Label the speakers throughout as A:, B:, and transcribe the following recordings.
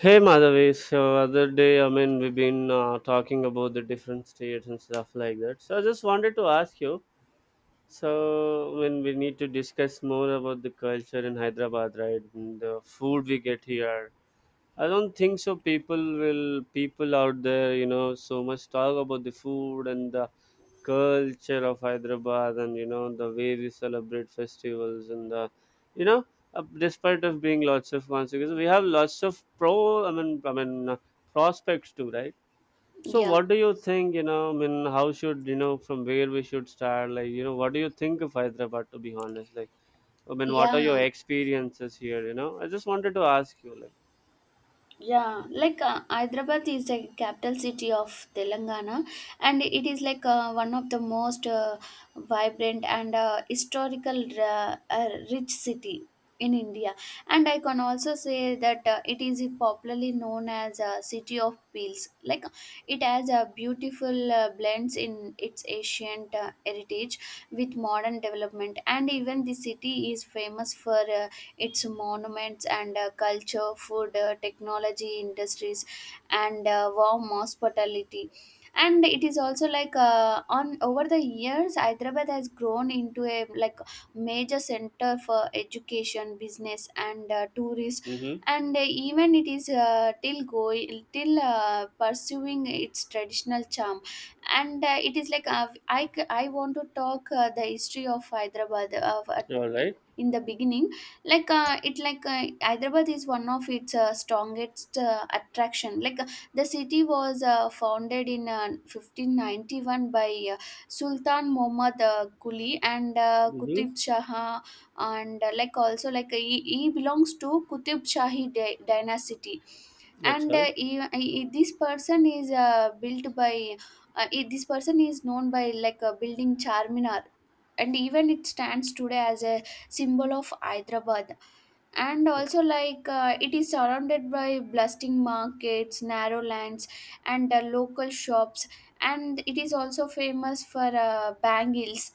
A: Hey Madhavi, so other day, we've been talking about the different states and stuff like that. So I just wanted to ask you. So when we need to discuss more about the culture in Hyderabad, right? And the food we get here, I don't think so. People will people out there, you know, so much talk about the food and the culture of Hyderabad, and you know the way we celebrate festivals and you know, despite of being lots of consequences, we have lots of prospects too, right? So,
B: Yeah,
A: what do you think? How should you know from where we should start? Like, you know, what do you think of Hyderabad? To be honest, like, I mean, what are
B: yeah,
A: your experiences here? You know, I just wanted to ask you, like.
B: yeah. Like Hyderabad is the capital city of Telangana, and it is like one of the most vibrant and historical rich city in India. And I can also say that it is popularly known as a city of pearls. Like it has a beautiful blends in its ancient heritage with modern development, and even the city is famous for. uh, its monuments and culture, food, technology, industries, and warm hospitality. And it is also like on over the years, Hyderabad has grown into a like major center for education, business, and tourist.
A: Mm-hmm.
B: And even it is till going till pursuing its traditional charm, and it is like I want to talk the history of Hyderabad of, at
A: All right.
B: in the beginning, like it like Hyderabad is one of its strongest attraction. Like the city was founded in 1591 by Sultan Muhammad Quli and
A: Mm-hmm.
B: Qutb Shah, and like also, like he belongs to Qutub Shahi dynasty, and
A: Acha.
B: this person is built by this person is known by like building Charminar, and even it stands today as a symbol of Hyderabad. And also, like it is surrounded by bustling markets, narrow lands, and local shops, and it is also famous for bangles,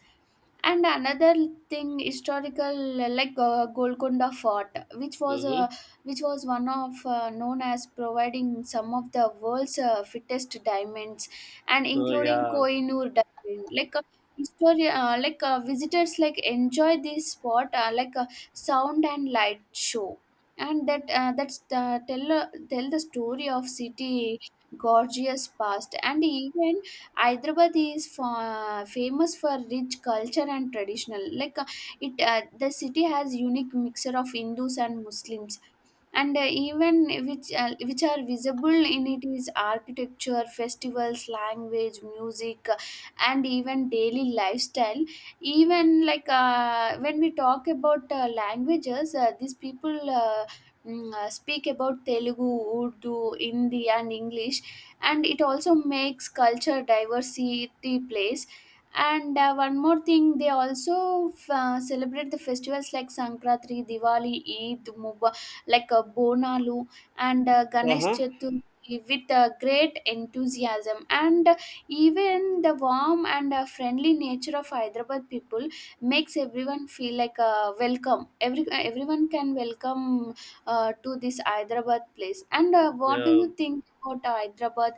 B: and another thing historical, like Golconda Fort, which was uh,
A: Mm-hmm.
B: which was one of known as providing some of the world's fittest diamonds, and
A: Oh
B: including
A: yeah.
B: Kohinoor diamond, like History, like visitors like enjoy this spot like a sound and light show, and that's the, tell tell the story of city gorgeous past. And even Hyderabad is famous for rich culture and traditional, like it the city has unique mixture of Hindus and Muslims, and even which are visible in it is architecture, festivals, language, music, and even daily lifestyle. Even like when we talk about languages, these people speak about Telugu, Urdu, Hindi, and English, and it also makes culture diversity place. And one more thing, they also celebrate the festivals like Sankranti, Diwali, Eid, Mubarak, like Bonalu and Ganesh
A: Uh-huh.
B: Chaturthi with great enthusiasm. And even the warm and friendly nature of Hyderabad people makes everyone feel like welcome. Everyone can welcome to this Hyderabad place. And what do
A: Yeah.
B: you think about Hyderabad?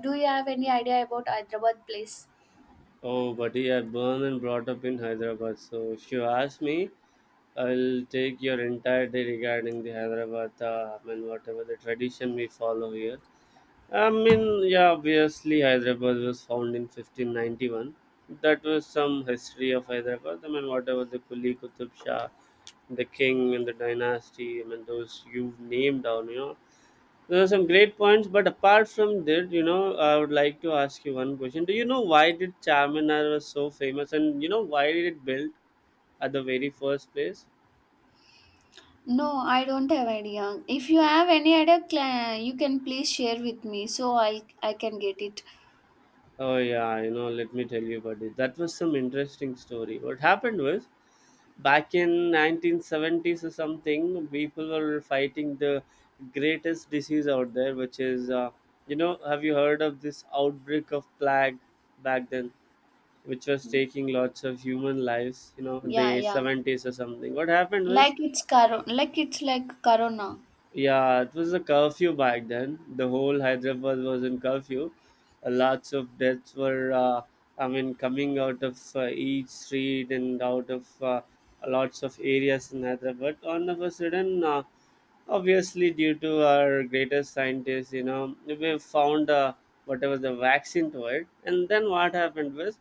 B: Do you have any idea about Hyderabad place?
A: Oh, buddy, I born and brought up in Hyderabad. So if you ask me, I'll take your entire day regarding the Hyderabad. I mean, whatever the tradition we follow here. I mean, yeah, obviously Hyderabad was found in 1591. That was some history of Hyderabad. I mean, whatever the Kuli Qutub Shah, the king and the dynasty. I mean, those you've named down, you know. Those are some great points, but apart from that, you know, I would like to ask you one question. Do you know why did Charminar was so famous, and you know why did it built at the very first place?
B: No, I don't have idea. If you have any idea, you can please share with me so I can get it.
A: Oh yeah, you know, let me tell you about it. That was some interesting story. What happened was, back in 1970s or something, people were fighting the greatest disease out there, which is, you know, have you heard of this outbreak of plague back then? Which was taking lots of human lives, you know, in
B: Yeah,
A: the
B: yeah.
A: 70s or something. What happened was,
B: Like it's like corona.
A: yeah, it was a curfew back then. The whole Hyderabad was in curfew. Lots of deaths were, coming out of each street and out of lots of areas in Hyderabad. All of a sudden, obviously, due to our greatest scientists, you know, we found whatever the vaccine to it. And then what happened was,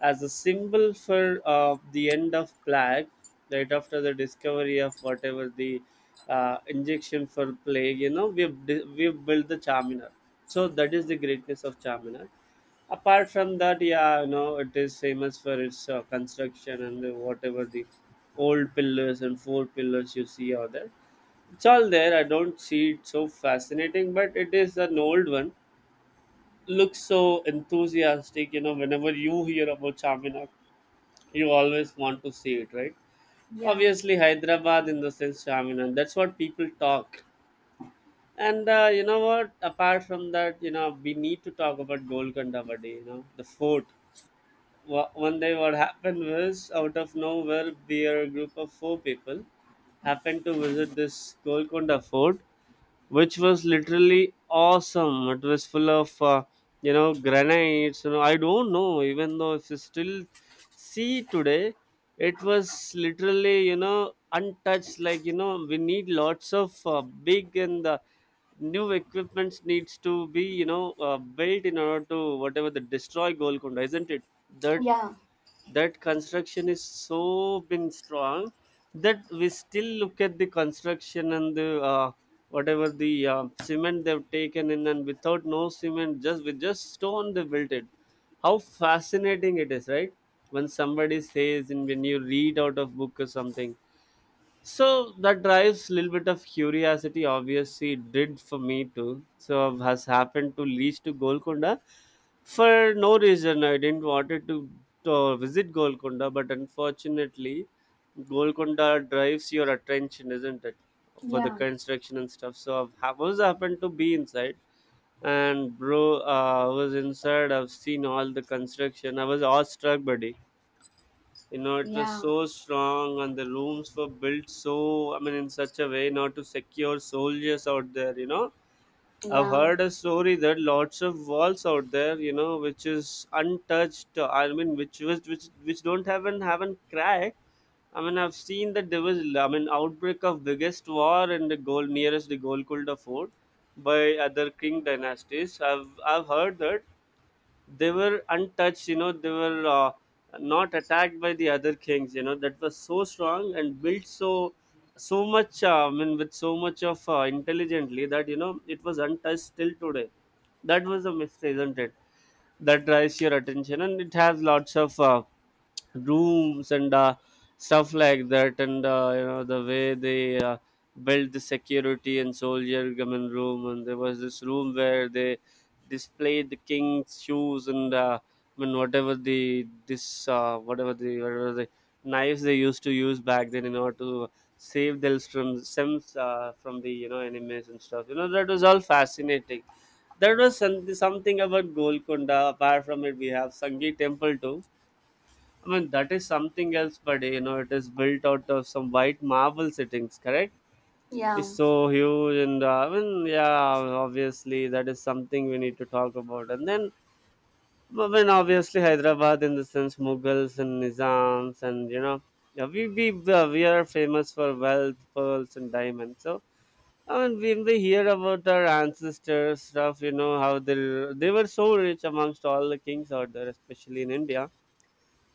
A: as a symbol for the end of plague, right after the discovery of whatever the injection for plague, you know, we've built the Charminar. So that is the greatness of Charminar. Apart from that, yeah, you know, it is famous for its construction and the, whatever the old pillars and four pillars you see are there. It's all there. I don't see it so fascinating, but it is an old one. Looks so enthusiastic, you know, whenever you hear about Charminar you always want to see it, right?
B: Yeah,
A: Obviously, Hyderabad in the sense Charminar. That's what people talk. And you know what? Apart from that, you know, we need to talk about Golconda Vade, you know, the fort. One day, what happened was out of nowhere, we are a group of four people happened to visit this Golconda fort, which was literally awesome. It was full of you know granites. You know, I don't know. Even though if you still see today, it was literally you know untouched. Like you know, we need lots of big and new equipments needs to be you know built in order to whatever the destroy Golconda, isn't it? That
B: yeah.
A: that construction is so been strong that we still look at the construction and the whatever the cement they've taken in and without no cement just with just stone they built it, how fascinating it is, right? When somebody says and when you read out of book or something, so that drives a little bit of curiosity. Obviously, it did for me too. So has happened to reach to Golconda for no reason. I didn't wanted to visit Golconda, but unfortunately, Golconda drives your attention, isn't it, for the
B: Yeah,
A: construction and stuff. So I've ha- was happened to be inside, and bro, I was inside. I've seen all the construction. I was awestruck, buddy, you know it was
B: yeah,
A: so strong and the rooms were built so, I mean, in such a way not to secure soldiers out there, you know. I've
B: yeah,
A: heard a story that lots of walls out there, you know, which is untouched, I mean, which was which don't haven't cracked. I mean I've seen that there was, I mean, outbreak of biggest war in the goal nearest the Golconda fort by other king dynasties. I've heard that they were untouched, you know, they were not attacked by the other kings, you know. That was so strong and built so so much I mean with so much of intelligently that you know it was untouched till today. That was a mystery, isn't it? That drives your attention, and it has lots of rooms and stuff like that. And you know the way they built the security and soldier gammon room, and there was this room where they displayed the king's shoes and I mean whatever the knives they used to use back then in order to save themselves from from the you know enemies and stuff, you know, that was all fascinating. There was something about Golconda. Apart from it, we have Sangi Temple too. I mean, that is something else, but you know, it is built out of some white marble settings, correct?
B: yeah,
A: It's so huge, and I mean, yeah, obviously, that is something we need to talk about. And then, I mean, obviously, Hyderabad in the sense Mughals and Nizams, and you know, yeah, we are famous for wealth, pearls, and diamonds. So, I mean, when we hear about our ancestors' stuff, you know, how they were so rich amongst all the kings out there, especially in India,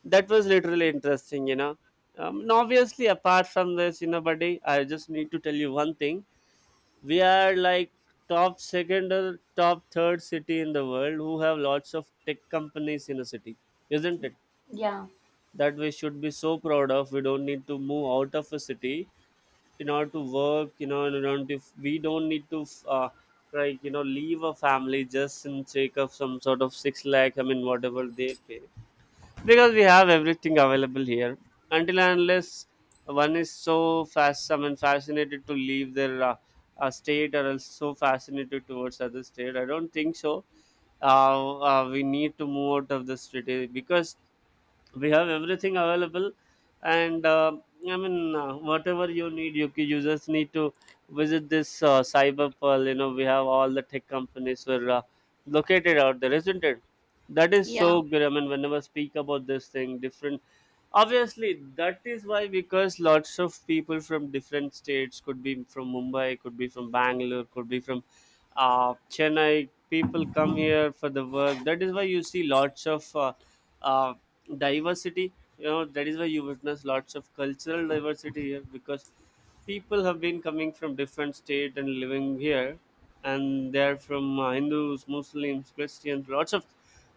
A: that was literally interesting, you know. And obviously apart from this, you know, buddy, I just need to tell you one thing, we are like top second or top third city in the world who have lots of tech companies in a city, isn't it,
B: yeah.
A: that we should be so proud of. We don't need to move out of a city in order to work, you know. And around, if we don't need to like you know leave a family just in sake of some sort of six lakh, I mean whatever they pay, because we have everything available here, until and unless one is so fast, I mean fascinated, to leave their state, or else so fascinated towards other state. I don't think so we need to move out of the city, because we have everything available. And I mean whatever you need, you just need to visit this cyber pearl, you know. We have all the tech companies were located out there, isn't it. That is so
B: Yeah.
A: good, I mean, whenever I speak about this thing different, obviously, that is why, because lots of people from different states, could be from Mumbai, could be from Bangalore, could be from Chennai, people come here for the work. That is why you see lots of uh, diversity, you know. That is why you witness lots of cultural diversity here, because people have been coming from different state and living here, and they're from Hindus, Muslims, Christians, lots of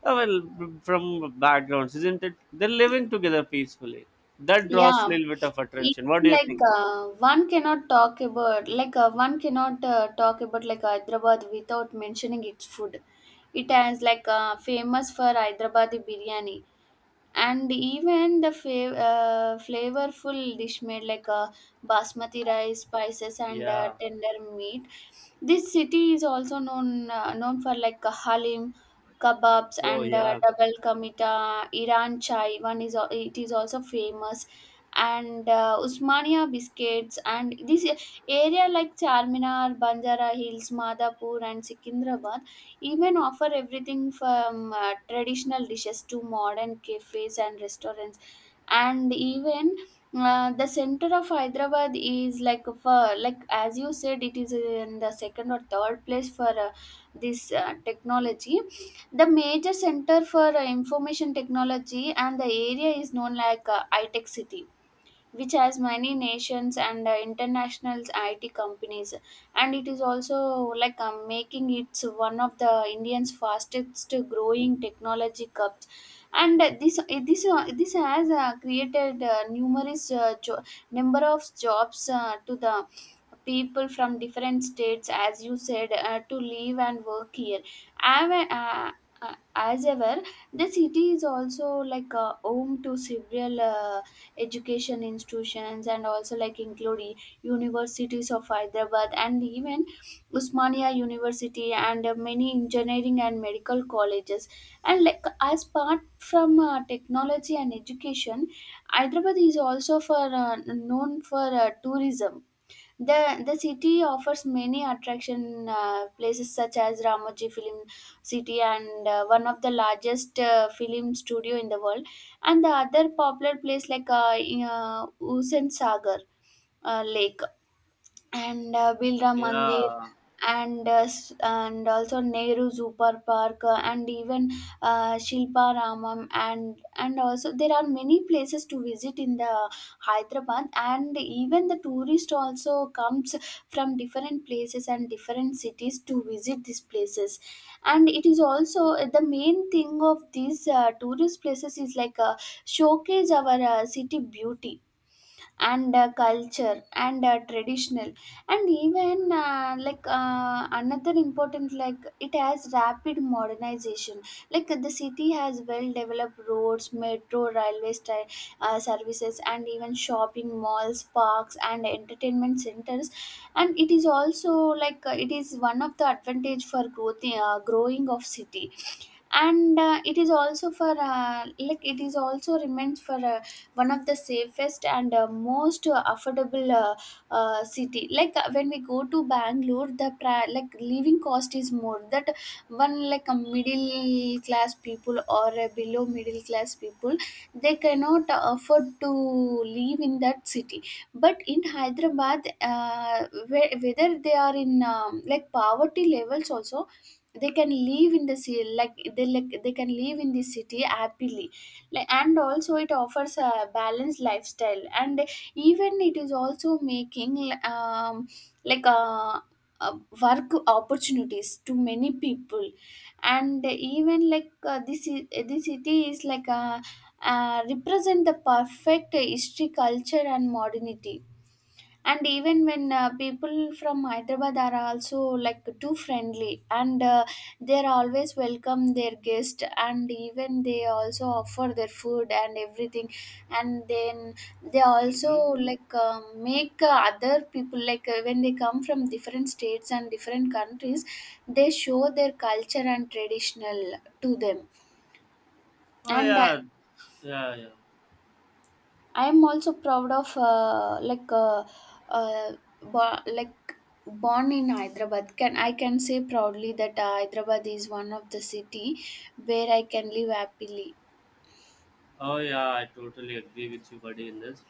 A: from backgrounds, isn't it, they're living together peacefully. That draws a
B: Yeah.
A: little bit of
B: It,
A: attention, what do you
B: like
A: think?
B: one cannot talk about like Hyderabad without mentioning its food. It has like famous for Hyderabadi biryani, and even the flavorful dish made like basmati rice, spices, and
A: Yeah,
B: tender meat. This city is also known for like halim, kebabs,
A: oh
B: and
A: yeah,
B: double kamita, Iran chai. It is also famous, and Usmania biscuits. And this area like Charminar, Banjara Hills, Madhapur, and Sikindrabad even offer everything from traditional dishes to modern cafes and restaurants. And even the center of Hyderabad is like, for like as you said, it is in the second or third place for this technology, the major center for information technology, and the area is known like itech city, which has many nations and international IT companies. And it is also like making it one of the Indians' fastest growing technology hubs. And this has created number of jobs to the people from different states, as you said, to live and work here. I'm a- uh, as ever, the city is also like a home to several education institutions, and also like include universities of Hyderabad, and even Usmania University, and many engineering and medical colleges. And like, as part from technology and education, Hyderabad is also for known for tourism. The city offers many attraction places, such as Ramoji Film City, and one of the largest film studio in the world, and the other popular place like Husain Sagar Lake, and Birla Mandir,
A: yeah.
B: and and also Nehru Super Park, and even Shilpa Ramam, and also there are many places to visit in the Hyderabad, and even the tourist also comes from different places and different cities to visit these places. And it is also the main thing of these tourist places is like showcase our city beauty, and culture, and traditional. And even like another important, like it has rapid modernization. Like the city has well developed roads, metro, railway services, and even shopping malls, parks, and entertainment centers, and it is also like it is one of the advantage for growth growing of city. And it is also for like it is also remains for one of the safest and most affordable city, like when we go to Bangalore, the like living cost is more, that one like a middle class people or a below middle class people, they cannot afford to live in that city. But in Hyderabad, whether they are in like poverty levels also, they can live in the city, like they can live in the city happily, like, and also it offers a balanced lifestyle, and even it is also making um like uh uh, work opportunities to many people. And even like this city is like a represent the perfect history, culture, and modernity. And even when people from Hyderabad are also like too friendly, and they're always welcome their guest, and even they also offer their food and everything, and then they also
A: Mhm.
B: like make other people like when they come from different states and different countries, they show their culture and traditional to them.
A: Oh
B: And
A: yeah, yeah, yeah.
B: I'm also proud of uh, bo- like born in Hyderabad. Can I can say proudly that Hyderabad is one of the city where I can live happily.
A: Oh yeah, I totally agree with you, buddy, in this,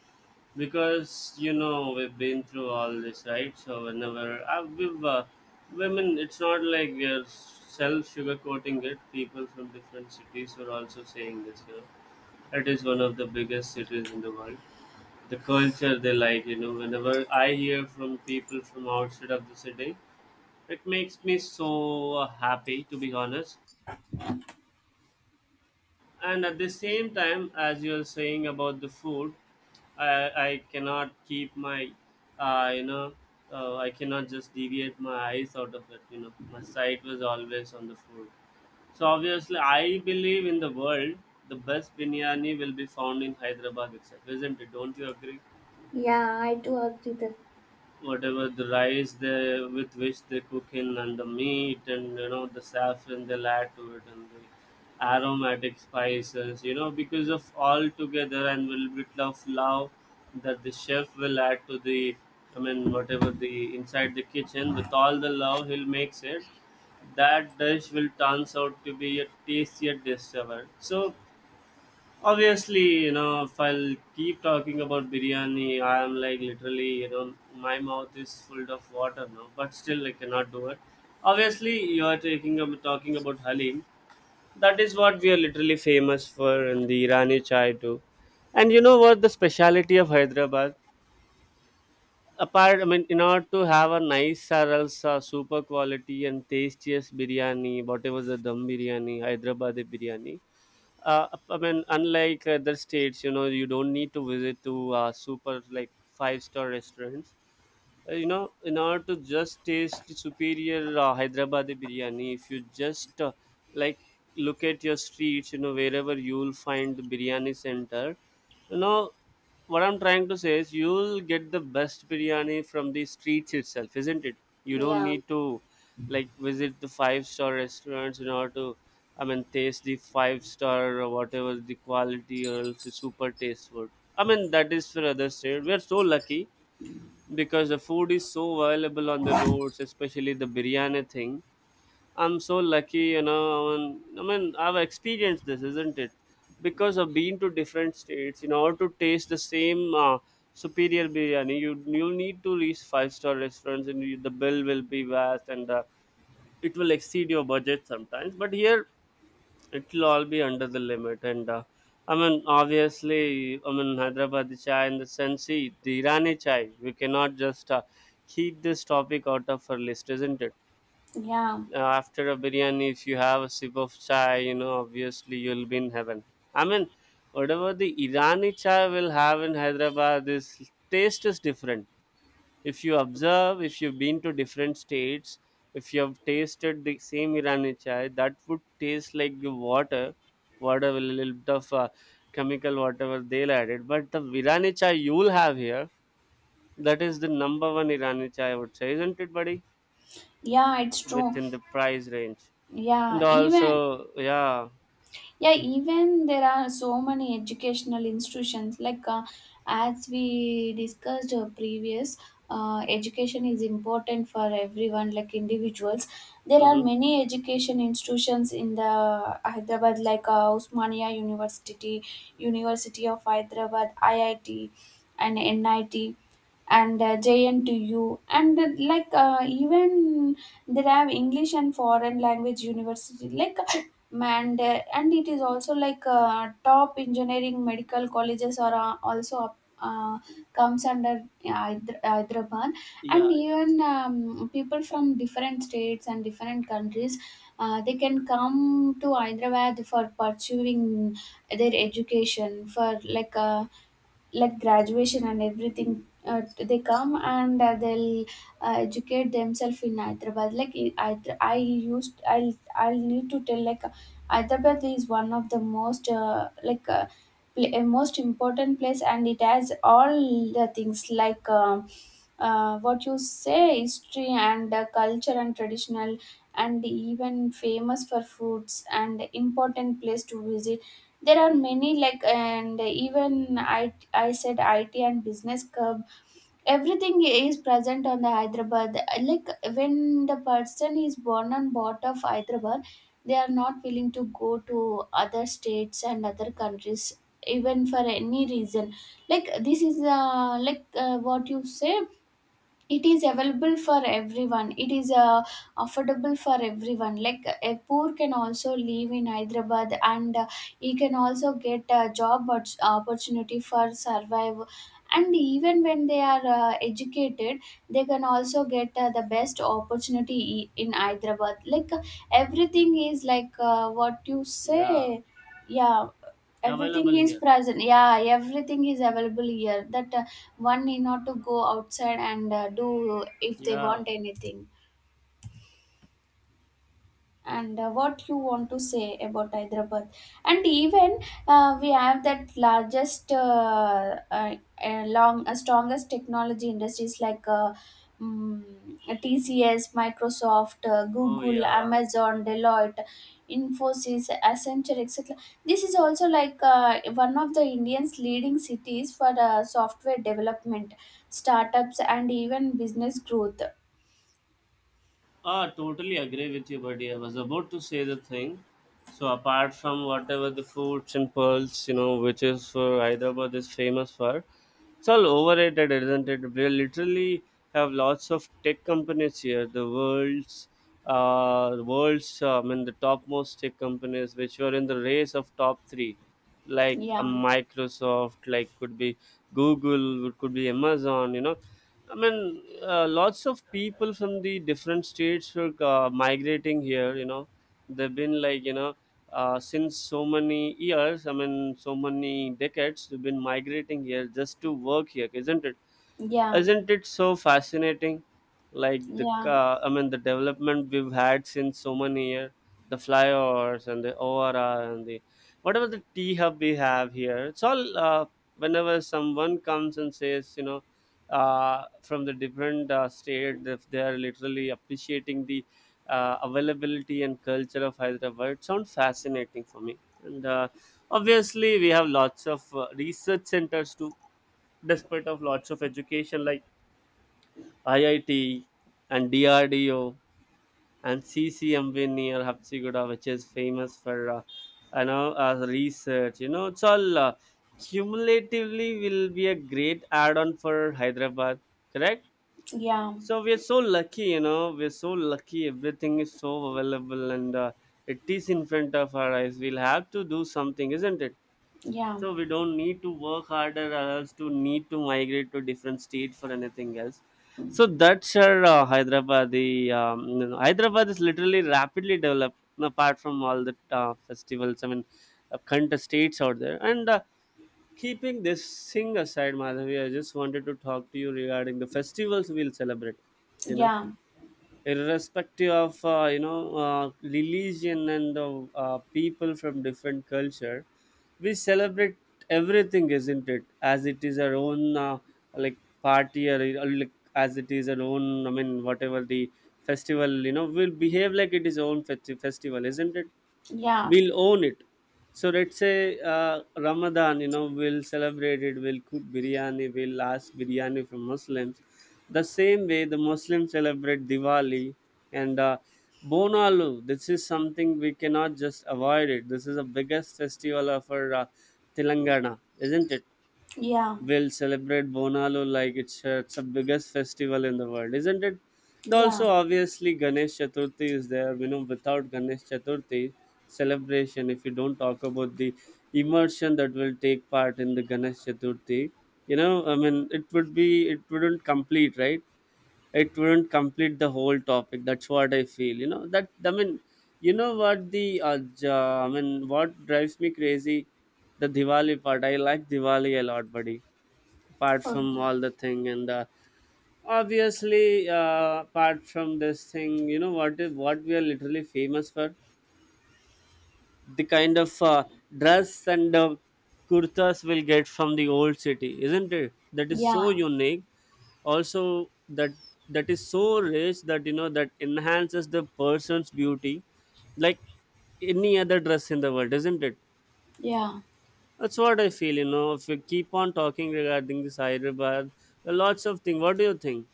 A: because you know we've been through all this, right? So whenever we've women, it's not like we're self sugarcoating it. People from different cities are also saying this. You know, it is one of the biggest cities in the world. The culture they like, you know, whenever I hear from people from outside of the city, it makes me so happy to be honest, and at the same time as you're saying about the food, i I cannot keep my uh, you know I cannot just deviate my eyes out of it, you know, my sight was always on the food. So obviously I believe in the world the best biryani will be found in Hyderabad itself, isn't it? Don't you agree?
B: Yeah, I do agree that.
A: Whatever the rice they, with which they cook in, and the meat, and you know the saffron they'll add to it, and the aromatic spices, you know, because of all together and little bit of love that the chef will add to the, I mean whatever the inside the kitchen with all the love, he'll makes it, that dish will turns out to be a tastier dish ever. So obviously, you know, if I'll keep talking about biryani, I am like literally, you know, my mouth is full of water now, but still I cannot do it. Obviously, you are taking talking about halim. That is what we are literally famous for, in the Irani chai too. And you know what the speciality of Hyderabad? Apart, I mean, in order to have a nice or else super quality and tastiest biryani, whatever the dum biryani, Hyderabad biryani, I mean, unlike other states, you know, you don't need to visit to super like five-star restaurants. You know, in order to just taste the superior Hyderabadi biryani, if you just like look at your streets, you know, wherever you'll find the biryani center, you know what I'm trying to say is you'll get the best biryani from the streets itself, isn't it? You don't
B: Yeah.
A: need to like visit the five-star restaurants in order to, I mean, taste the five star or whatever the quality or else the super taste food. I mean, that is for other state. We're so lucky because the food is so available on the roads, especially the biryani thing. I'm so lucky, you know. And I mean, I've experienced this, isn't it? Because I've been to different states. In order to taste the same superior biryani, you need to reach five-star restaurants, and you, the bill will be vast, and it will exceed your budget sometimes. But here, it'll all be under the limit. And I mean, obviously, I mean, Hyderabad chai and the Sensi, the Irani chai, we cannot just keep this topic out of our list, isn't it?
B: Yeah,
A: After a biryani, if you have a sip of chai, you know, obviously you'll be in heaven. I mean, whatever the Irani chai will have in Hyderabad, this taste is different. If you observe, if you've been to different states, if you have tasted the same Irani chai, that would taste like the water, water with a little bit of chemical whatever they'll added. But the Irani chai you'll have here, that is the number one Irani chai, I would say, isn't it, buddy?
B: yeah, it's true.
A: Within the price range. And
B: Yeah, even
A: also, yeah.
B: yeah even there are so many educational institutions like as we discussed previous. Education is important for everyone, like individuals. There are
A: Hmm.
B: many education institutions in the Hyderabad like Usmania University, University of Hyderabad, IIT and NIT, and JNTU, and like even they have English and foreign language university, like and it is also like top engineering medical colleges are comes under Hyderabad. And even people from different states and different countries, they can come to Hyderabad for pursuing their education for like graduation and everything, they come and they'll educate themselves in Hyderabad. Like I used I'll need to tell, like Hyderabad is one of the most like most important place, and it has all the things like what you say, history and culture and traditional, and even famous for foods, and important place to visit, there are many like, and even I said it, and business curve, everything is present on the Hyderabad. Like when the person is born and bought of Hyderabad, they are not willing to go to other states and other countries even for any reason. Like this is like what you say, it is available for everyone, it is affordable for everyone, like a poor can also live in Hyderabad, and he can also get a opportunity for survive, and even when they are educated, they can also get the best opportunity in Hyderabad. Like everything is like what you
A: Yeah,
B: say, yeah, everything
A: available
B: is
A: here.
B: present, yeah, everything is available here, that one need not to go outside and do if they
A: Yeah,
B: want anything. And what you want to say about Hyderabad. And even we have that largest, long, strongest technology industries like TCS, Microsoft,
A: oh
B: Google,
A: yeah.
B: Amazon, Deloitte, Infosys, Accenture, etc. This is also like one of the Indians' leading cities for software development, startups, and even business growth.
A: Ah, totally agree with you, buddy. I was about to say the thing. So apart from whatever the foods and pearls, you know, which is for Hyderabad is famous for, it's all overrated, isn't it? We literally have lots of tech companies here. The world's, world's, I mean, the topmost tech companies which were in the race of top three, like
B: Yeah,
A: a Microsoft, like could be Google, could be Amazon. You know, I mean, lots of people from the different states were migrating here. You know, they've been like, you know, since so many years. I mean, so many decades. They've been migrating here just to work here, isn't it?
B: yeah,
A: Isn't it so fascinating? Like the
B: yeah,
A: ca, I mean, the development we've had since so many years, the flyovers and the ORR and the whatever the T hub we have here. It's all whenever someone comes and says, you know, from the different state, if they are literally appreciating the availability and culture of Hyderabad, it sounds fascinating for me. And. Obviously, we have lots of research centers too, despite of lots of education like IIT and DRDO and CCMV near Hapsigoda, which is famous for, research. You know, it's all cumulatively will be a great add-on for Hyderabad. Correct.
B: yeah.
A: So we are so lucky. You know, we're so lucky. Everything is so available, and it is in front of our eyes. We'll have to do something, isn't it?
B: Yeah,
A: So we don't need to work harder or else to need to migrate to different state for anything else. So that's our Hyderabad, the you know, Hyderabad is literally rapidly developed apart from all the festivals. I mean, contest states out there, and keeping this thing aside, Madhavi, I just wanted to talk to you regarding the festivals we'll celebrate, you know,
B: yeah,
A: irrespective of religion and people from different culture, we celebrate everything, isn't it, as it is our own like party, or like as it is our own, I mean whatever the festival, you know, we'll behave like it is own festival, isn't it?
B: yeah,
A: We'll own it. So let's say Ramadan, you know, we'll celebrate it, we'll cook biryani, we'll ask biryani from Muslims. The same way the Muslims celebrate Diwali and Bonalu, this is something we cannot just avoid it. This is the biggest festival of our Telangana, isn't it?
B: yeah,
A: Will celebrate Bonalu like it's the biggest festival in the world, isn't it? And
B: yeah,
A: also, obviously, Ganesh Chaturthi is there. You know, without Ganesh Chaturthi celebration, if you don't talk about the immersion that will take part in the Ganesh Chaturthi, you know, I mean, it would be, it wouldn't complete, right? It wouldn't complete the whole topic. That's what I feel. You know, that, I mean, you know what the I mean, what drives me crazy, the Diwali part. I like Diwali a lot, buddy, apart from
B: okay.
A: all the thing. And obviously, apart from this thing, you know what what we are literally famous for, the kind of dress and kurtas we'll get from the old city, isn't it? That is so
B: Yeah,
A: unique. Also, that, that is so rich, that you know, that enhances the person's beauty like any other dress in the world, isn't it?
B: yeah.
A: That's what I feel, you know. If we keep on talking regarding this Hyderabad, lots of things. What do you think?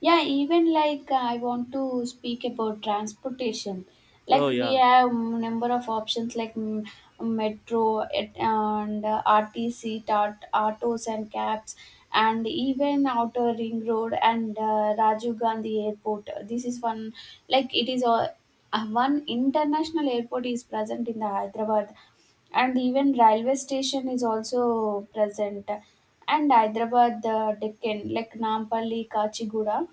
B: Yeah, even like I want to speak about transportation.
A: Oh
B: Like we
A: yeah.
B: have number of options like metro it, and RTC, tart, autos and cabs, and even outer ring road and Rajiv Gandhi Airport. This is one, like it is a one international airport is present in the Hyderabad, and even railway station is also present. And Hyderabad, Deccan, like Nampally, Kachiguda,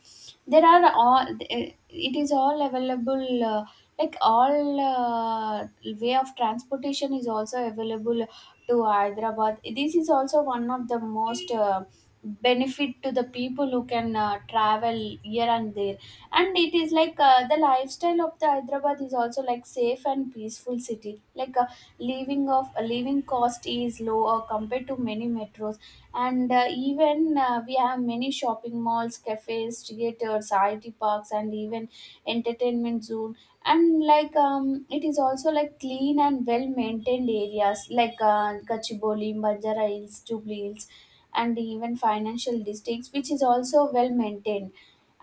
B: there are all, it is all available, like all way of transportation is also available to Hyderabad. This is also one of the most benefit to the people who can travel here and there, and it is like the lifestyle of the Hyderabad is also like safe and peaceful city, like living cost is low compared to many metros, and even we have many shopping malls, cafes, theaters, it parks, and even entertainment zone, and like it is also like clean and well maintained areas like Gachiboli, Banjara Hills, Jubilee Hills, and even financial districts, which is also well maintained.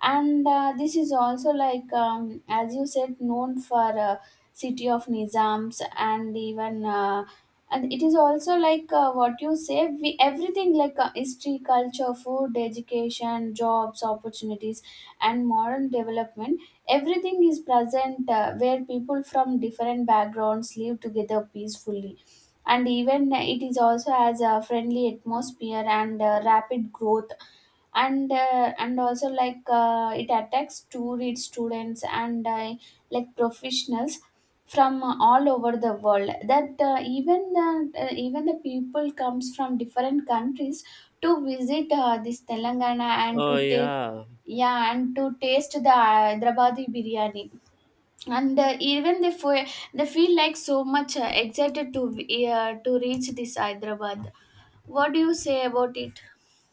B: And this is also like as you said, known for city of Nizams, and even and it is also like what you say, we everything, like history, culture, food, education, jobs opportunities, and modern development, everything is present where people from different backgrounds live together peacefully. And even it is also as a friendly atmosphere and rapid growth, and also like it attacks to read students and like professionals from all over the world, that even the people comes from different countries to visit this Telangana, and
A: Oh
B: to take,
A: yeah.
B: yeah, and to taste the Hyderabadi biryani, and even they feel like so much excited to reach this Hyderabad. What do you say about it?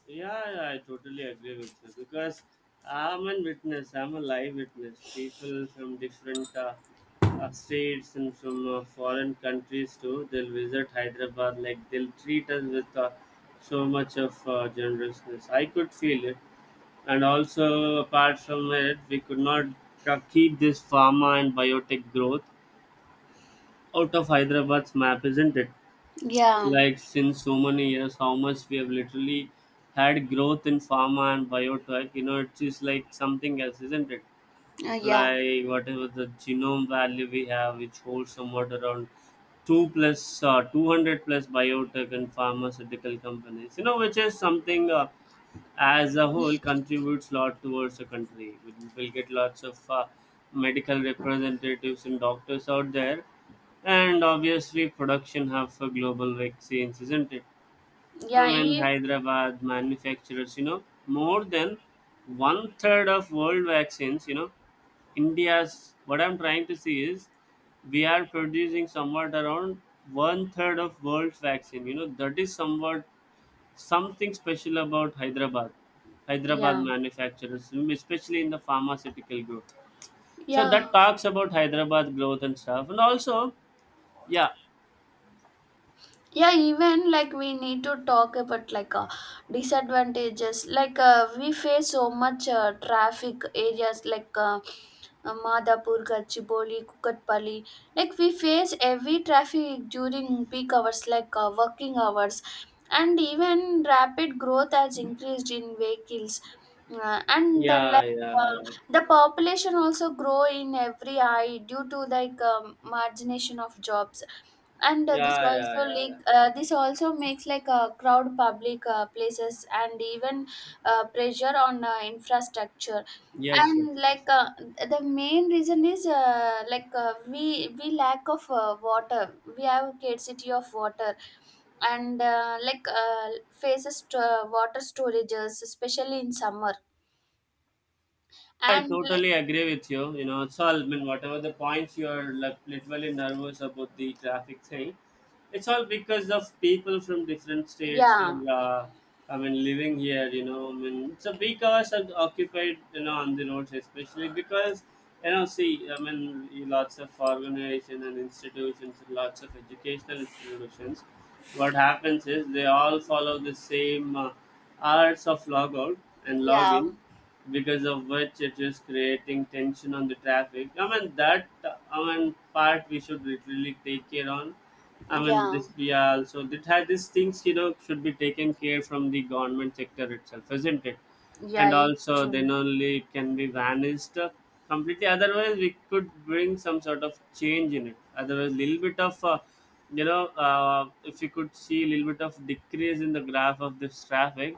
A: Yeah, yeah, I totally agree with you, because I'm a witness. I'm a live witness. People from different states and from foreign countries too. They'll visit Hyderabad. Like they'll treat us with so much of generousness. I could feel it, and also apart from it, we could not keep this pharma and biotech growth out of Hyderabad's map, isn't it?
B: Yeah.
A: Like, since so many years, how much we have literally had growth in pharma and biotech, you know, it is like something else, isn't it?
B: Yeah.
A: Like, whatever the genome value we have, which holds somewhat around 2 plus 200 plus biotech and pharmaceutical companies, you know, which is something as a whole contributes a lot towards the country. We will get lots of medical representatives and doctors out there, and obviously production hub for global vaccines, isn't it? I
B: Yeah,
A: mean,
B: e
A: Hyderabad manufacturers, you know, more than one third of world vaccines, you know, India's, what I'm trying to see is we are producing somewhat around one third of world's vaccine. You know, that is somewhat something special about Hyderabad. Hyderabad
B: yeah.
A: manufacturers, especially in the pharmaceutical group. So
B: Yeah,
A: that talks about Hyderabad growth and stuff. And also, yeah.
B: yeah, even like we need to talk about like disadvantages, like we face so much traffic areas like Madapur, Gachiboli, Kukatpalli. Like we face heavy traffic during peak hours, like working hours, and even rapid growth has increased in vehicles. And
A: Yeah,
B: like uh,
A: yeah,
B: the population also grow in every eye due to like margination of jobs, and this
A: yeah, yeah,
B: also
A: yeah. Yeah.
B: like this also makes like a crowd public places, and even pressure on infrastructure,
A: Yes, yes,
B: and
A: yes.
B: like the main reason is we lack of water, we have scarcity of water, and like faces to, water storages, especially in summer,
A: I
B: and like,
A: totally agree with you. You know, so I mean, whatever the points you are like, literally nervous about the traffic thing, it's all because of people from different states.
B: yeah,
A: And I mean, living here, you know, I mean, it's a big cars are occupied, you know, on the roads, especially because, you know, see, I mean, lots of organization and institutions and lots of educational institutions, what happens is they all follow the same hours of logout and
B: yeah,
A: login, because of which it is creating tension on the traffic. I mean that I mean part we should really take care on. I mean,
B: yeah,
A: this we are also that had these things, you know, should be taken care from the government sector itself, isn't it?
B: yeah,
A: And
B: it's
A: also,
B: true,
A: then only it can be vanished completely. Otherwise, we could bring some sort of change in it. Otherwise, little bit of, if you could see a little bit of decrease in the graph of this traffic,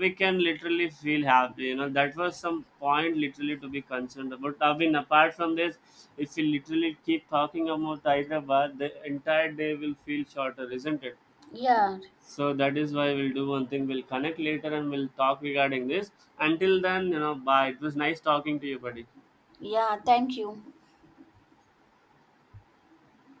A: we can literally feel happy. You know, that was some point literally to be concerned about. I mean, apart from this, if we literally keep talking about Hyderabad, the entire day will feel shorter, isn't it?
B: yeah,
A: So that is why we'll do one thing. We'll connect later and we'll talk regarding this. Until then, you know, bye. It was nice talking to you, buddy.
B: yeah, thank you.